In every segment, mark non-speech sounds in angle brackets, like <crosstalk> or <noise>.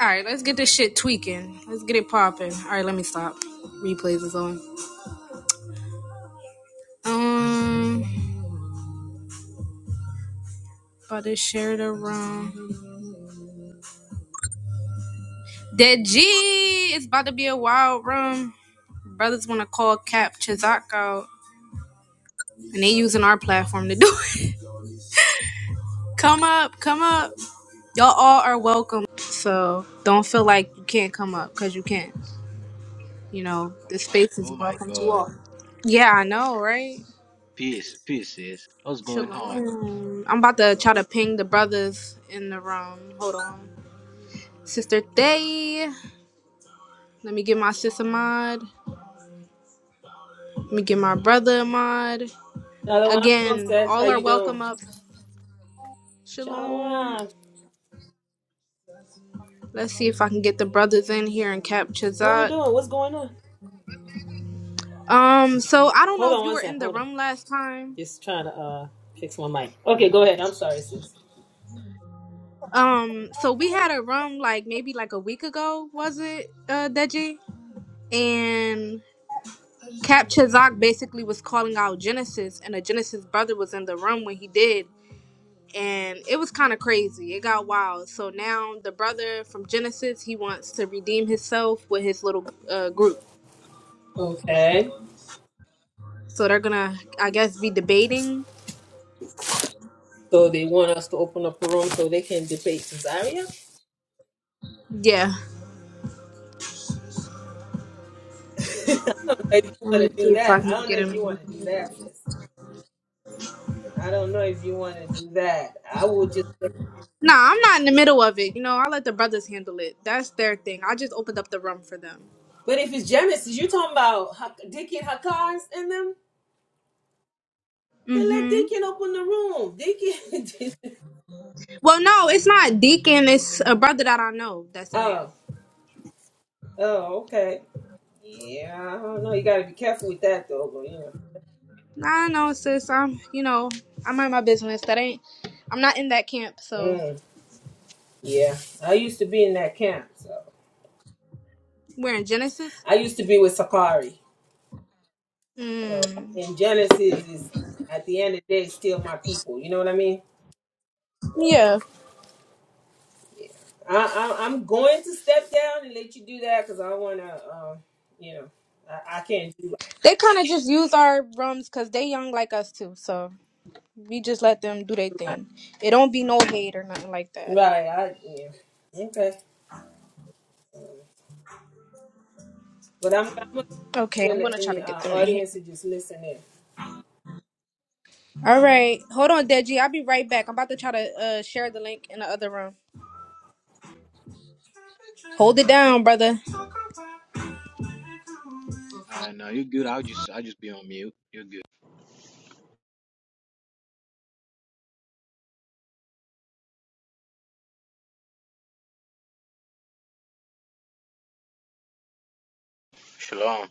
All right, let's get this shit tweaking. Let's get it popping. All right, let me stop. Replays is on. Um, about to share the room. Dead G, it's about to be a wild room. Brothers want to call Cap Chizak out, and they using our platform to do it. <laughs> Come up, come up. Y'all all are welcome. So don't feel like you can't come up because you can't. You know, Oh the my, space is oh my welcome to God. all. Yeah, I know, right? Peace, peace, sis. What's going on? Shalom. I'm about to try to ping the brothers in the room. Hold on. Sister <laughs> All Thay. Let me give my sister mod. Let me give my brother a mod. Shalom, Again, princess. How all are you doing? welcome up. Shalom. Shalom. Let's see if I can get the brothers in here and capture What we that. doing? What's going on? Um, so I don't Hold know if on you one were sec. in the Hold on. room last time. Just trying to uh fix my mic. Okay, go ahead. I'm sorry, sis. Um, so we had a room like maybe like a week ago, was it, uh, Deji? And Cap Chazak basically was calling out Genesis, and a Genesis brother was in the room when he did, and it was kind of crazy. It got wild. So now the brother from Genesis he wants to redeem himself with his little uh, group. Okay. So they're gonna, I guess, be debating. So they want us to open up a room so they can debate Cesaria? Yeah, <laughs> I don't know if you let want me to see do if I that. I can don't know get if you him. want to do that, sis. I don't know if you want to do that. I will just. Nah, I'm not in the middle of it. You know, I let the brothers handle it. That's their thing. I just opened up the room for them. But if it's Genesis, you talking about Hak- Dickie and Hakaz and them? Then let Mm-hmm. Deacon open the room. Deacon. Well, no, it's not Deacon. It's a brother that I know <laughs> that's in there. oh, oh, okay. Yeah, I don't know. You got to be careful with that, though. But you know, I know, sis. I'm, you know, I mind my business. That ain't, I'm not in that camp. So mm, yeah. I used to be in that camp, so we're in Genesis. I used to be with Sakari. So Mm. and Genesis is at the end of the day still my people. You know what I mean? So Yeah, I, I I'm going to step down and let you do that because I want to. Uh, you know, I, I can't do they kind of just use our rooms because they young like us too. So we just let them do their right. thing. It don't be no hate or nothing like that. Right. I yeah. Okay. But I'm I'm gonna be Okay, in I'm gonna the, in try to the get uh, them in here. audience to just listen in. All right, hold on, Deji. I'll be right back. I'm about to try to uh, share the link in the other room. Hold it down, brother. right. Uh, no, you good. I'll just, I'll just be on mute. You're good. Shalom.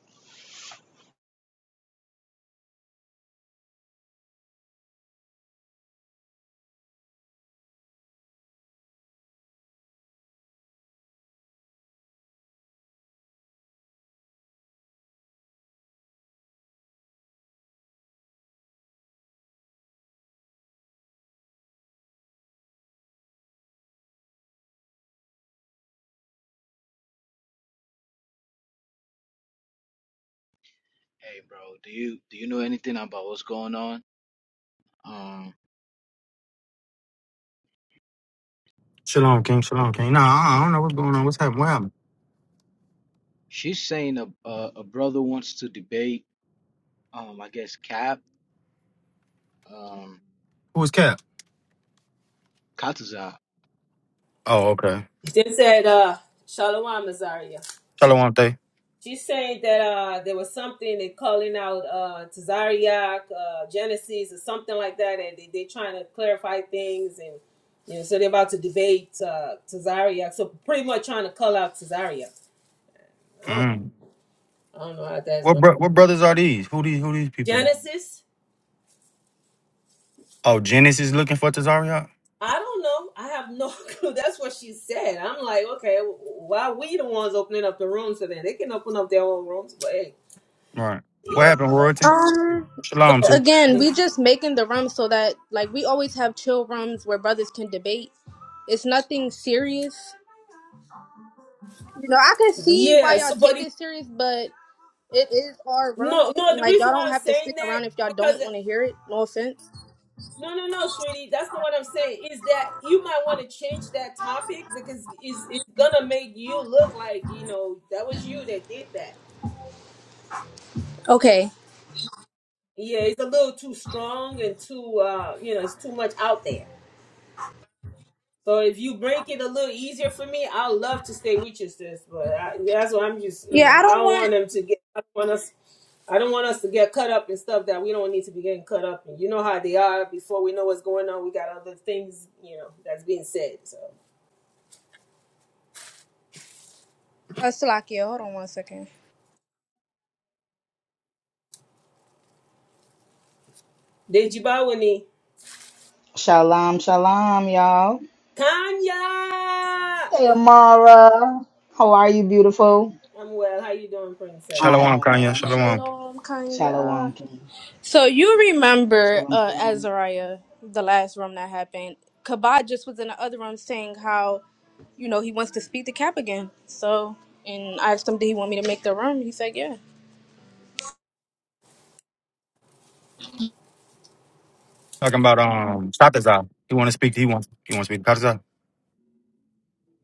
Hey, bro. Do you, do you know anything about what's going on? Um, Shalom, King. Shalom, King. Nah, I I don't know what's going on. What's happening? What happened? she's saying a, a, a brother wants to debate. Um, I guess Cap. Um, Who was Cap? Katuza. Oh, okay. They said, uh, Shalom Azaria. Shalom, they? She's saying that uh, there was something they calling out uh, Tazariak, uh, Genesis, or something like that, and they they trying to clarify things, and you know, so they're about to debate uh, Tazariak. So pretty much trying to call out Tazariak. I don't, Mm. I don't know how that's What going to bro- work. what brothers are these? Who these who these people? is? Genesis, Oh, Genesis looking for Tazariot? I don't know. I have no <laughs> clue. That's what she said. I'm like, okay, why are we the ones opening up the rooms So them they can open up their own rooms. But hey, Right. What yeah. happened, Royalty? Um. So Shalom, too. Again, we mm, just making the rum so that like we always have chill rums where brothers can debate. It's nothing serious. You know, I can see why yeah. y'all So, but take it serious, but it is our rum. No, no, And the like reason y'all why don't I'm have to saying stick that around if y'all don't because want to hear it. No offense. no, no, no, sweetie, that's not what I'm saying. Is that you might want to change that topic because it's it's gonna make you look like you know that was you that did that. Okay. Yeah, it's a little too strong and too uh, you know, it's too much out there. So if you break it a little easier for me, I'd love to stay with you, sis. But I, that's what I'm just, you Yeah, know, I I don't don't want want them to get. I don't want us. I don't want us to get cut up in stuff that we don't need to be getting cut up in. You know how they are. Before we know what's going on, we got other things, you know, that's being said. So, uh Salakia. Hold on one second. Deji Bawani, Shalom, shalom, y'all. Kanya, Hey, Amara. How are you, beautiful? I'm well. How you doing, princess? I Shalom, am Kanye. well. Shalom. Shalom Kanya. Shalom, King. So you remember Shalom, uh shalom. Azariah, the last room that happened. Kabad just was in the other room saying how, you know, he wants to speak to Cap again. So and I asked him, Did he want me to make the room? He said, Yeah. Talking about um Tatazar. He wanna speak to he wants he wants to speak to Tatazar.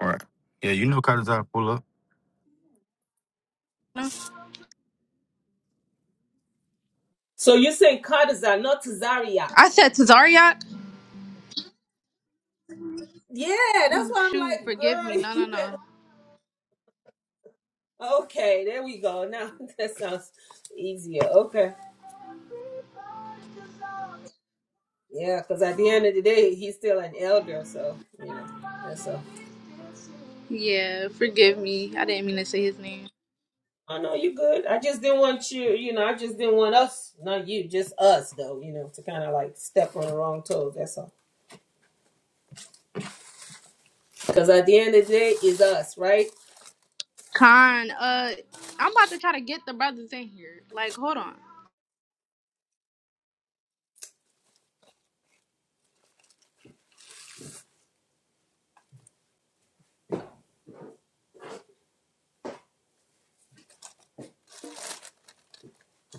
All right. Yeah, you know Katazar pull up. No. So you're saying Kadazar, not Zariak? I said to Zaryak. Yeah, that's Oh why I'm shoot, like, forgive me. girl, No <laughs> no you better. no. Okay, there we go. Now <laughs> that sounds easier. Okay, yeah, because at the end of the day, he's still an elder, so you know, that's all. Yeah, forgive me. I didn't mean to say his name. I know you good. I just didn't want you, you know, I just didn't want us, not you, just us though, you know, to kind of like step on the wrong toes. That's all. Because at the end of the day, it's us, right? Khan, uh I'm about to try to get the brothers in here. Like, hold on.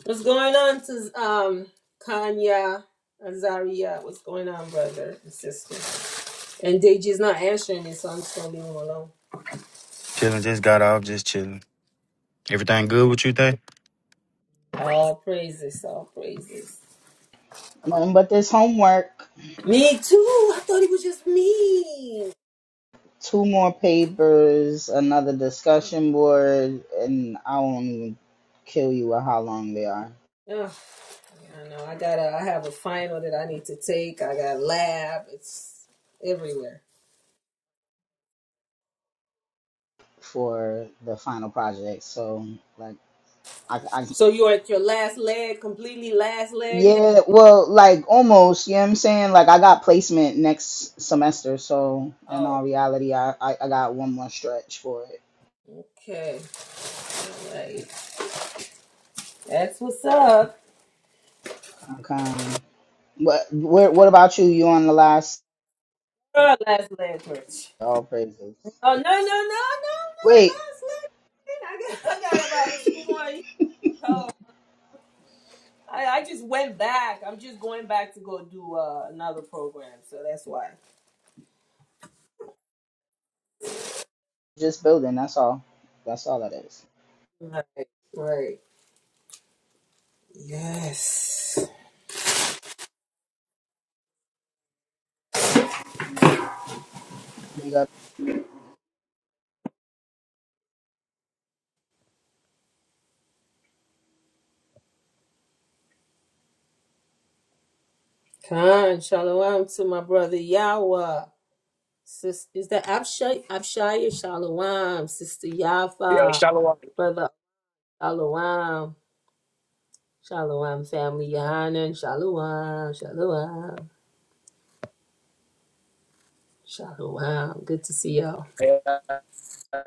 What's going on to um Kanya Azaria? What's going on, brother and sister? And Deji's not answering me, so I'm just gonna leave him alone. Chilling, just got off, just chilling. Everything good with you, Tay? All praises, all praises. Nothing but this homework. Me too. I thought it was just me. Two more papers, another discussion board, and I won't even kill you with how long they are Oh, I know. I gotta. I have a final that I need to take. I got lab. It's everywhere. for the final project. So, like, I. I So you're at your last leg, completely last leg now. Yeah, well, like almost, you know what I'm saying? Like I got placement next semester, so in Oh, all reality, I I, I got one more stretch for it. okay. All right. That's what's up. Okay. What where what about you? You on the last Girl, last leg merch. all praises. Oh no no no no no no, Wait, last leg. I got, I got about two more. years. Oh, I, I just went back. I'm just going back to go do uh, another program. So that's why. just building, that's all. That's all that is. Right. Right. Yes. We got Khan, shalom to my brother Yawa. Sis, is that Abshai? Abshai, shalom. Sister Yo, Yafa, Shalom. brother shalom. Shalom, family Yohanan, shalom, shalom, shalom. Good to see y'all. Yeah. I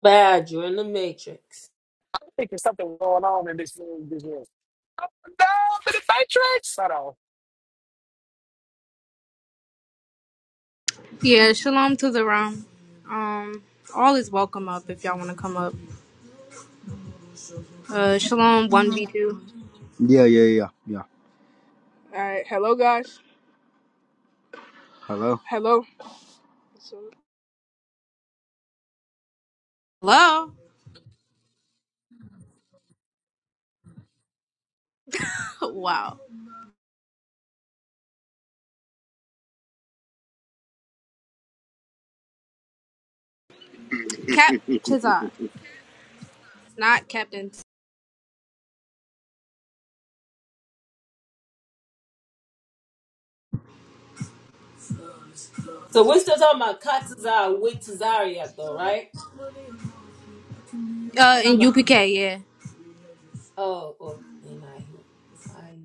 Bad, you're in the matrix. think there's something going on in this room. This room. Up and down to the matrix. Hold on. Yeah, shalom to the room. Um, all is welcome up if y'all wanna come up. Uh shalom one v Yeah, two. yeah, yeah, yeah. All right. Hello, guys. Hello. Hello. Hello? <laughs> Wow. Cap Tazar. Not Captain. So we're still talking about Katazar with Tazaria, though, right? We're Uh, in talking about, UPK, yeah. oh, oh, and I hear, I,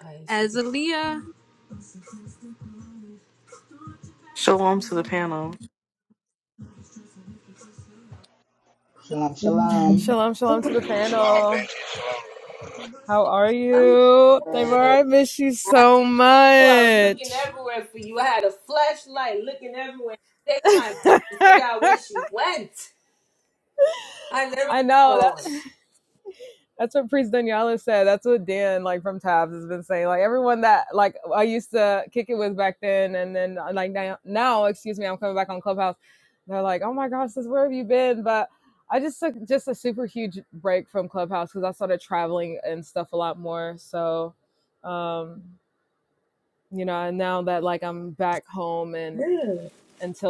I should be. Azalia. Shalom to the panel. shalom shalom. Shalom, shalom to the panel. How are you? Deborah, I miss you so too. I was looking much. everywhere for you. I had a flashlight looking everywhere. in the Daytime <laughs> trying to figure out where she went. I never I know that going. that's what Priest Daniela said. That's what Dan like from Tabs has been saying. Like everyone that like I used to kick it with back then and then like now, now excuse me, I'm coming back on Clubhouse. They're like, Oh my gosh, sis, where have you been? But I just took just a super huge break from Clubhouse because I started traveling and stuff a lot more. So um you know and now that like i'm back home and Good.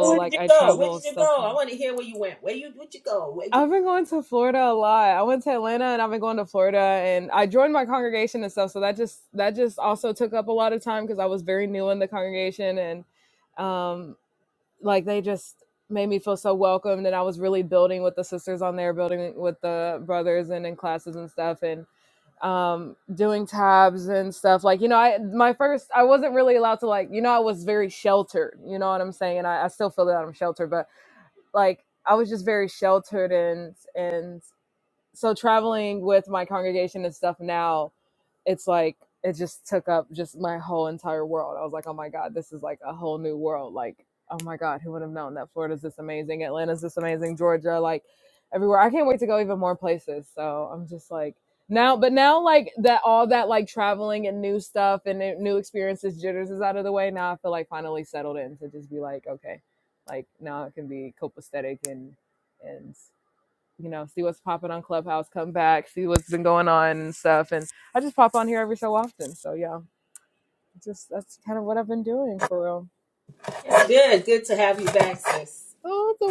So Where did like you i go? Where travel did and you stuff i go? I want to hear where you went. Where you? Where'd you go? Where you? have been going to florida a lot i went to atlanta and i've been going to florida and i joined my congregation and stuff so that just that just also took up a lot of time because i was very new in the congregation and um like they just made me feel so welcomed and i was really building with the sisters on there building with the brothers and in classes and stuff and um doing tabs and stuff like you know i my first i wasn't really allowed to like you know i was very sheltered you know what i'm saying and i, I still feel that i'm sheltered but like i was just very sheltered and and so traveling with my congregation and stuff now it's like it just took up just my whole entire world. I was like, oh my god, this is like a whole new world. Like, oh my god, who would have known that Florida's this amazing, Atlanta's this amazing, Georgia, like everywhere. I can't wait to go even more places. So I'm just like now, but now like that all that like traveling and new stuff and new new experiences, jitters is out of the way. Now I feel like finally settled in to just be like, okay, like now it can be copacetic and and you know, see what's popping on Clubhouse, come back, see what's been going on and stuff. And I just pop on here every so often. So yeah, just that's kind of what I've been doing for real. It's good. Good to have you back, sis. Oh, the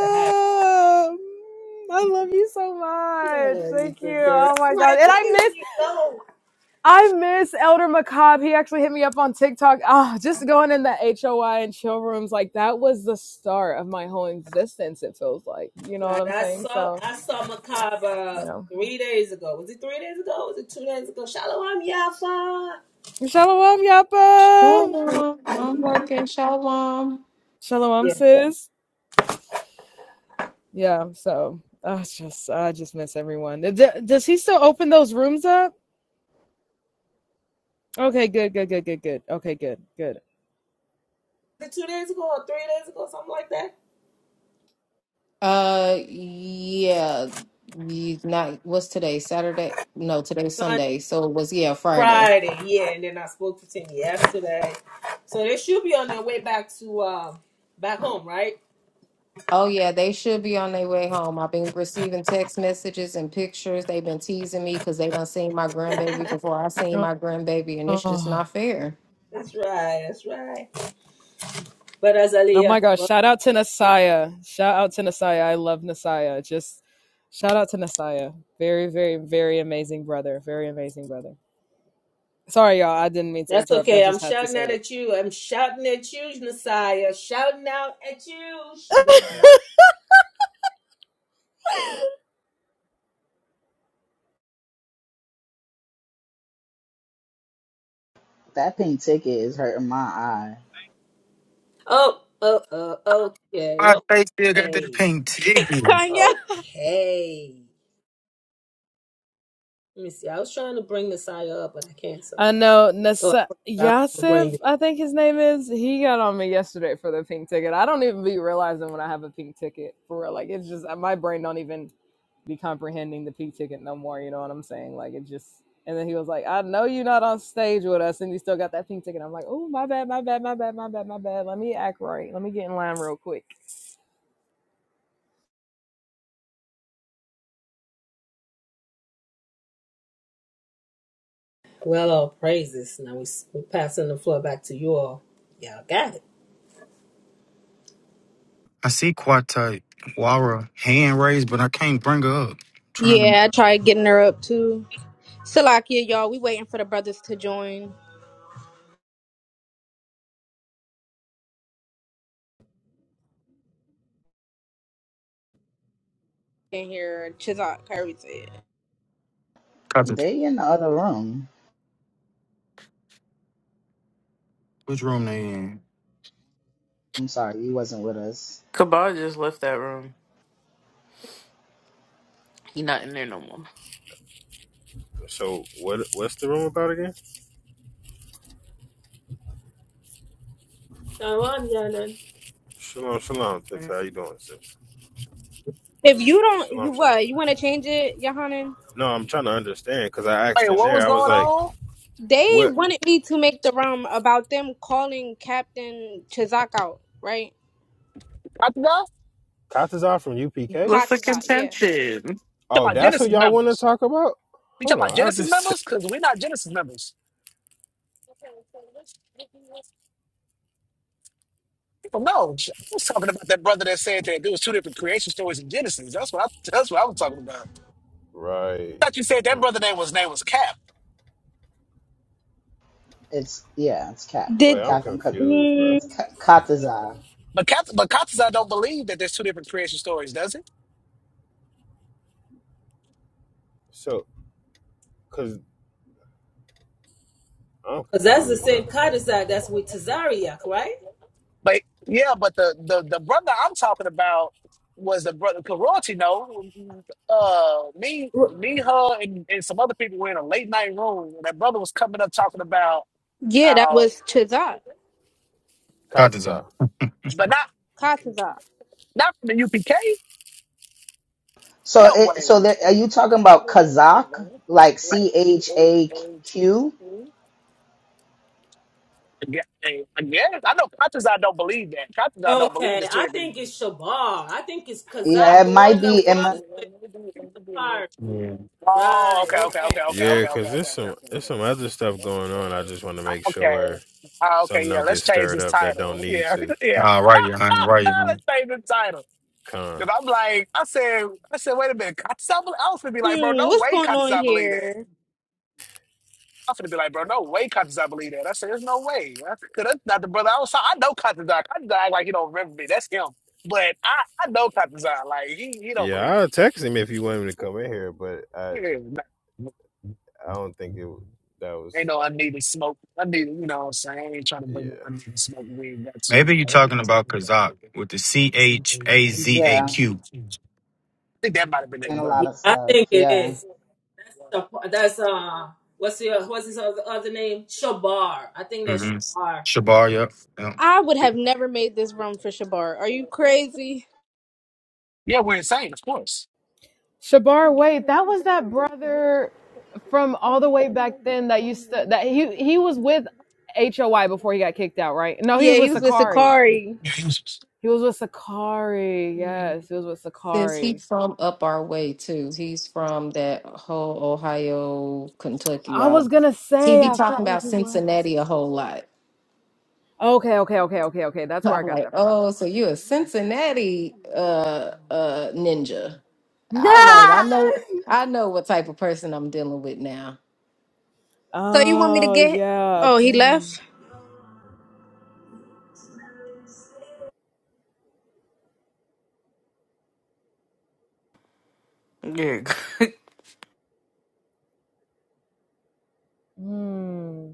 To have Mm, I love you so you. I much. love you Thank too, you. girl. Oh my I'm God. like, And where I miss, did you go? I miss Elder McCobb. He actually hit me up on TikTok. Oh, just going in the HOI and chill rooms. Like that was the start of my whole existence. It feels like, you know what Right. I'm I saying? saw. So, I saw you Macabre know, three days ago. Was it three days ago? Was it two days ago? Shalom Yafa. Shalom Yapa. Shalom. I'm working. Shalom. Shalom Yeah. sis. Yeah, so I just I just miss everyone. Does he still open those rooms up? Okay, good, good, good, good, good. Okay, good, good. Was it two days ago or three days ago? Something like that. Uh, yeah. You not what's today? Saturday? No, today's So Sunday. So it was yeah, Friday. Friday, yeah, and then I spoke to Tim yesterday. So they should be on their way back to um back home, right? Oh yeah, they should be on their way home. I've been receiving text messages and pictures. They've been teasing me because they done seen my <laughs> grandbaby before I seen Oh, my grandbaby, and it's just oh not fair. That's right, that's right. But oh my Azalea, gosh! well, Shout out to Nasaya. Shout out to Nasaya. I love Nasaya. Just shout out to Nasaya. Very, very, very amazing brother. Very amazing brother. Sorry, y'all. I didn't mean to that's interrupt. I okay. I'm just had to shouting say out that. at you. I'm shouting at you, Messiah. Shouting out at you, Messiah. That pink ticket is hurting my eye. Oh, oh, oh, okay, My face still got that okay, pink ticket. Kanye. okay. Let me see. I was trying to bring Messiah up, but I can't. So, I know oh, Nasa- I forgot. Yasif, I think his name is. He got on me yesterday for the pink ticket. I don't even be realizing when I have a pink ticket for real. Like it's just my brain don't even be comprehending the pink ticket no more. You know what I'm saying? Like it just. And then he was like, "I know you're not on stage with us, and you still got that pink ticket." I'm like, "Oh, my bad, my bad, my bad, my bad, my bad. Let me act right. Let me get in line real quick." Well, all praises. Now we, we're passing the floor back to you all. Y'all got it. I see Quata Wara hand raised, but I can't bring her up. trying to Yeah, I tried getting her up too. Salakia, y'all. We waiting for the brothers to join in here. Chizak, Kyrie said. Kata. They in the other room. Which room they in? I'm sorry, you wasn't with us. Kabar just left that room. He not in there no more. So what what's the room about again? Shalom, Yanan. Shalom, shalom. That's how you doing, sis? If you don't, you Shalom, shalom. what? You want to change it, Yohanan? No, I'm trying to understand because I Wait, asked in what there. was I was going like, on? They "What?" wanted me to make the rum about them calling Captain Chizak out, right? I think talking Katazar from UPK. What's the Katazak, yeah. contention? Oh, about that's who Genesis y'all want to members. talk about. You Hold talking about on, I'll Genesis just. T- members? Because we're not Genesis members. Well, no, I was talking about that brother that said that there was two different creation stories in Genesis. That's what I, that's what I was talking about. right. I thought you I said that think. brother name was name was Cap. It's yeah, it's Cat. Wait, Did. I'm Captain Cut confused, bro. Mm, it's Kat But Cap, but Cap says I don't believe that there's two different creation stories, does it? So, cause I'm Because that's the confused, same bro. Kadazak that's with Tazariak, right? But yeah, but the the, the brother I'm talking about was the brother Karate. No, uh, me, me, her, and, and some other people were in a late night room, and that brother was coming up talking about yeah, that how, was Chizak. Kata's up. Katazar. but not Katazak. not from the UPK. So No it way. so that are you talking about Kazakh? Like C H A Q? Yeah, I guess I know. Contest I don't believe that. Contest I don't believe Okay, it's two I think different. it's Shabar. I think it's Yeah, Kazak, it the might one that be it might, was with the pirate. Yeah. Oh, Right, okay, okay, okay. okay, okay, Now- Yeah, okay, okay, okay, cause there's okay, some there's okay, some other stuff going okay. on. I just want to make Okay. sure Ah, okay, something yeah, don't let's get change stirred this up that don't title. need Yeah, to. <laughs> yeah. Nah, right here, honey. Right here, <laughs> honey. let's change the title. Con. Cause I'm like, I said, I said, wait a minute, Katsabali. I was gonna be like, bro, Hmm, no what's way going on Katsabali believe that. here? I was gonna be like, bro, no way Katsabali believe that. I said, there's no way. I said, Cause that's not the brother I was talking. I know Katsabali. Katsabali act like he don't remember me. That's him. But I, I know Katsabali. Like he, he don't Yeah, believe that. I'll text him if you want him to come in here, but I I don't think it that was Ain't no unneeded smoke. I need, you know what I'm saying? I ain't trying to yeah. bring no unneeded smoke We ain't Got to. Maybe you are I talking about Kazak with the C H A Z A yeah, Q. think that might have been and that a brother. lot Yeah, of I stuff. think it Yeah. is. That's the, that's uh what's the what's his other, other name? Shabar. I think that's Mm-hmm. Shabar. Shabar, yep. yep. I would have never made this room for Shabar. Are you crazy? Yeah, we're insane, of course. Shabar, wait, that was that brother from all the way back then that used to that he he was with HOI before he got kicked out, right? No, he was Yeah, he with was with Sakari. Sakari. <laughs> He was with Sakari. Yes, he was with Sis, he Sakari. from up our way too. He's from that whole Ohio, Kentucky. I was y'all. gonna He say be I talking felt like about he was. Cincinnati a whole lot. Okay, okay, okay, okay, okay. That's where I I'm got like, that from. oh, so you a Cincinnati uh uh ninja. All right, I know <laughs> I know what type of person I'm dealing with now. So you want me to Oh get? yeah, Oh, he dang. left. Yeah. <laughs> Hmm.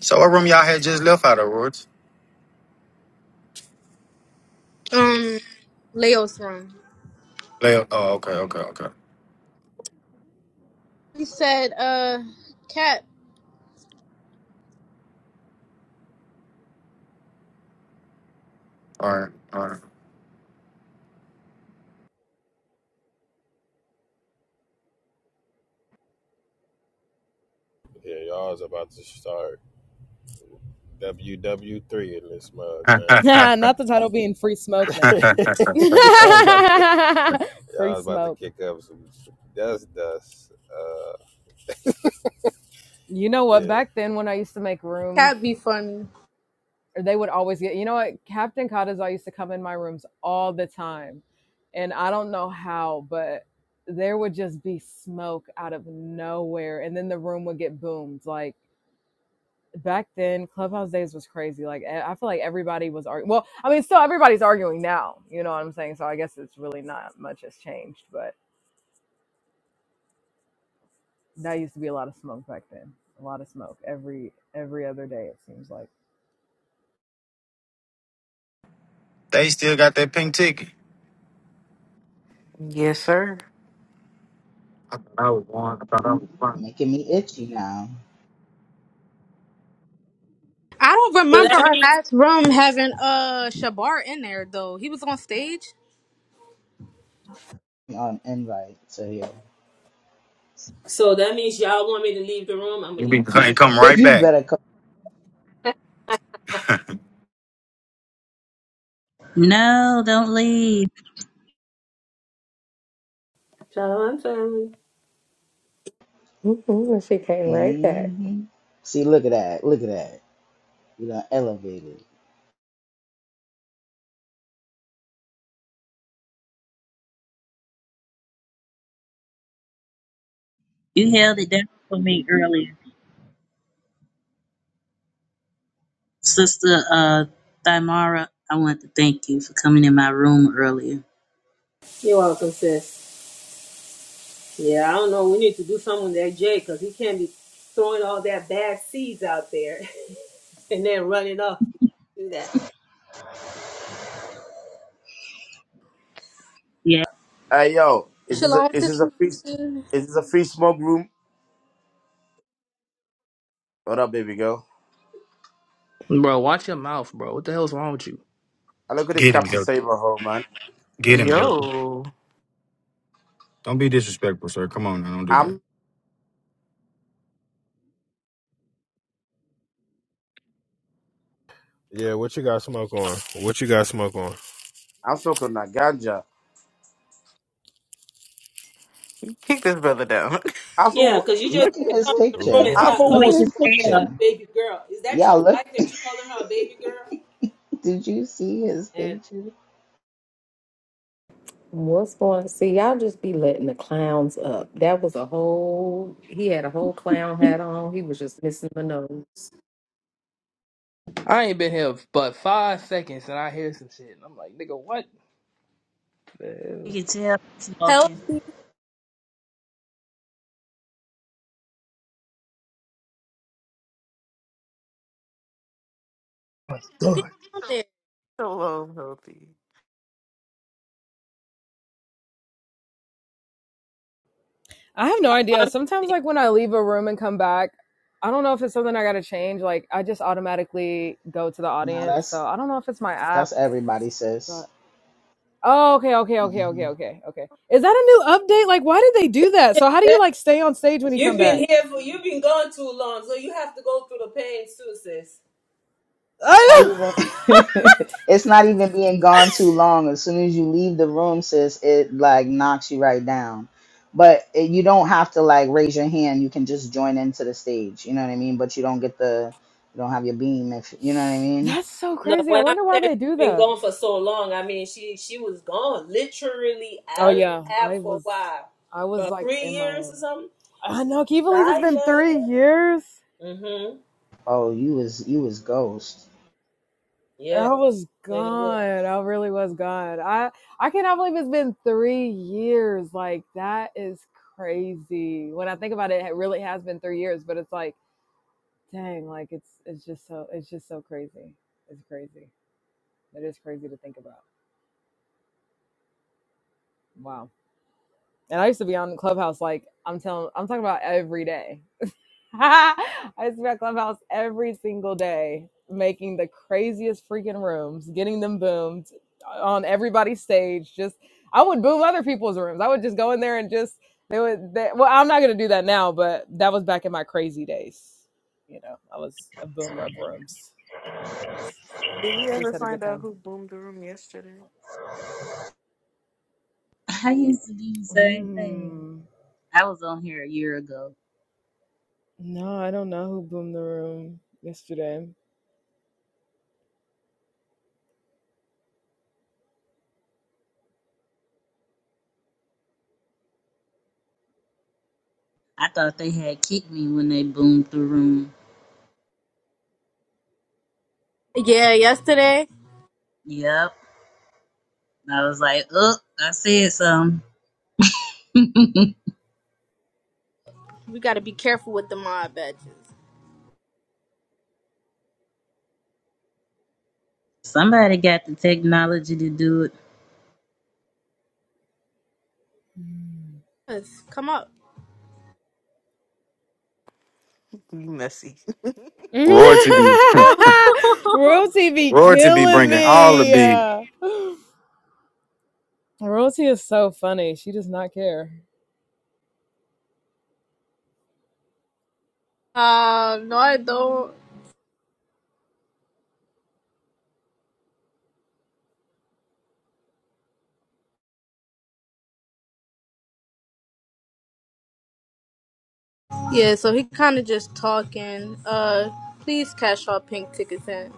So what room y'all had just left out of Roots? Um, Leo's room. Left. Oh, okay, okay, okay. He said, "Uh, cat, All right, all right. Yeah, y'all's about to start WW three in this mug, <laughs> Not <laughs> the title being free smoke now. man. <laughs> y'all's about to <laughs> free y'all's about to smoke. kick up some dust dust. Uh You know what? yeah. Back then, when I used to make rooms cat be funny." or they would always get you know what captain Cottazar used to come in my rooms all the time and i don't know how but there would just be smoke out of nowhere and then the room would get boomed like back then clubhouse days was crazy like I I feel like everybody was arguing well i mean still everybody's arguing now you know what i'm saying so i guess it's really not much has changed but that used to be a lot of smoke back then a lot of smoke every every other day it seems like they still got that pink ticket. yes, sir. I thought I was one. I thought I was one. Making me itchy now I don't So remember that our means last room having uh Shabar in there though. He was on stage. on invite. So yeah. so that means y'all want me to leave the room? I'm You gonna be leave. come I'm gone. come <laughs> right you back. better come <laughs> No, don't leave. Shalom family. Mm-hmm, she came right back. hmm See look at that. Look at that. You know, elevated. You held it down for me earlier. Sister uh Thymara, I want to thank you for coming in my room earlier. You're welcome, sis. Yeah, I don't know. We need to do something with that Jay because he can't be throwing all that bad seeds out there <laughs> and then running off to do that. Yeah. Hey yo, is this Shalom, a, is this a free is sister. this a free smoke room? What up, baby girl? Bro, watch your mouth, bro. What the hell's wrong with you? I look at this Get Captain him, Saber hole, man. Get him, healthy. Yo, Don't be disrespectful, sir. Come on, now, don't do that. I'm Yeah, what you got smoke on? What you got smoke on? I'm smoking on that ganja. kick this brother down. I feel Yeah, because you <laughs> just Look at can't his come in the Groove room picture. and I balls, start bro. Look feel We calling at his can a woman a tell. picture. baby girl. Is that Yeah, your look wife that you calling her a baby girl? did you see his And picture? What's going see y'all just be letting the clowns up. That was a whole he had a whole clown hat on. He was just missing the nose. I ain't been here but five seconds and I hear some shit. And I'm like, nigga, what We the can tell Help smoking. you hell? <clears throat> get down there. Hello, healthy. I have no idea. um, Sometimes, like when I leave a room and come back, I don't know if it's something I got to change. Like I just automatically go to the No, audience, that's so I don't know if it's my app. that's everybody, sis. But oh, okay, okay, okay, Mm-hmm. okay, okay, okay. Is that a new update? Like, why did they do that? So how do <laughs> you like stay on stage when you you've come been back? here for you've been gone too long, so you have to go through the pain too, sis. not I know. even <laughs> it's not even being gone too long as soon as you leave the room sis it like knocks you right down but it, you don't have to like raise your hand you can just join into the stage you know what i mean but you don't get the you don't have your beam if you know what i mean <laughs> That's so No, crazy. I when I wonder why said they do she's been that. gone for so long, I mean she she was gone literally Oh out of the yeah, I app for a was, while, I was about like three in years my. or something. I know. Can you believe it's been Messiah. three years? Mm-hmm. oh you was you was ghost Yeah, I was and it was. gone. I really was gone. I I cannot believe it's been three years. Like that is crazy. When I think about it, it really has been three years. But it's like, dang, like it's it's just so it's just so crazy. It's crazy. It is crazy to think about. Wow. And I used to be on Clubhouse like I'm telling I'm talking about every day. <laughs> I spent Clubhouse every single day making the craziest freaking rooms, getting them boomed on everybody's stage. Just I would boom other people's rooms. I would just go in there and just they would. They, well, I'm not gonna do that now, but that was back in my crazy days. You know, I was a boomer of rooms and Did we just ever had a good find out time. who boomed the room yesterday? I used to do the same thing. Mm, I was on here a year ago. no, I don't know who boomed the room yesterday. I thought they had kicked me when they boomed the room. Yeah, yesterday Yep. I was like, oh, I said something. <laughs> we got to be careful with the mob badges. Somebody got the technology to do it. Let's come up. You messy. Roy to be <laughs> um, <laughs> Rosie be Roy to be killing bringing all the me. B. <gasps> Rosie is so funny. She does not care. no, I don't. Yeah, so he kind of just talking. Uh, please cash all pink tickets in.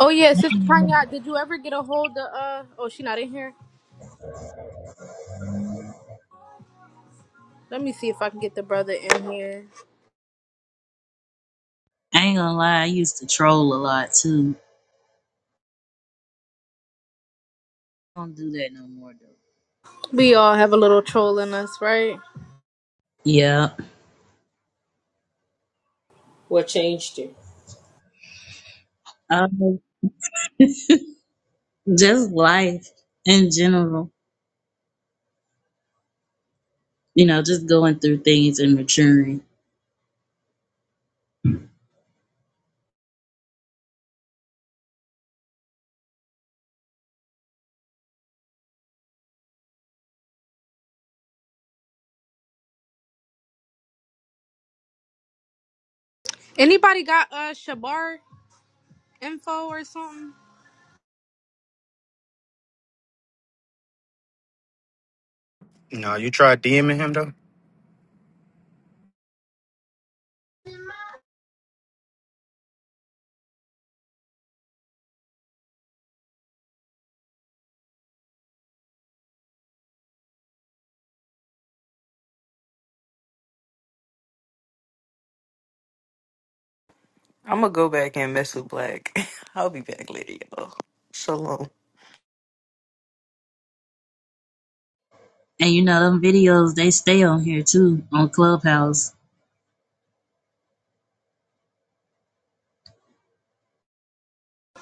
Oh yeah, Sister Tanya, did you ever get a hold of? Uh, oh, she not in here. Let me see if I can get the brother in here. I ain't gonna lie, I used to troll a lot too. don't do that no more though. We all have a little troll in us, right? Yeah. What changed you? Um, just life in general, you know, just going through things and maturing. Anybody got uh Shabar info or something? No, you tried DMing him though. I'm gonna go back and mess with Black. <laughs> I'll be back later, y'all. Shalom. And you know, them videos, they stay on here too, on Clubhouse.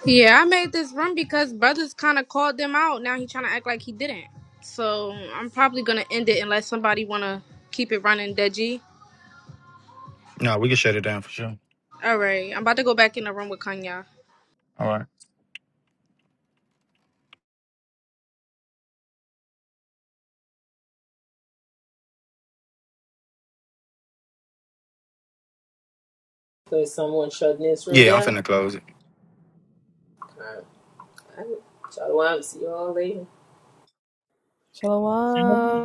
Yeah, I made this room because brothers kind of called them out. Now he trying to act like he didn't. So I'm probably gonna end it unless somebody wanna keep it running, Deji. No, we can shut it down for sure. All right, I'm about to go back in the room with Kanya. All right. Because someone shutting this room Yeah, I'm down? finna close it. I, I, so I see you all later. Shalom.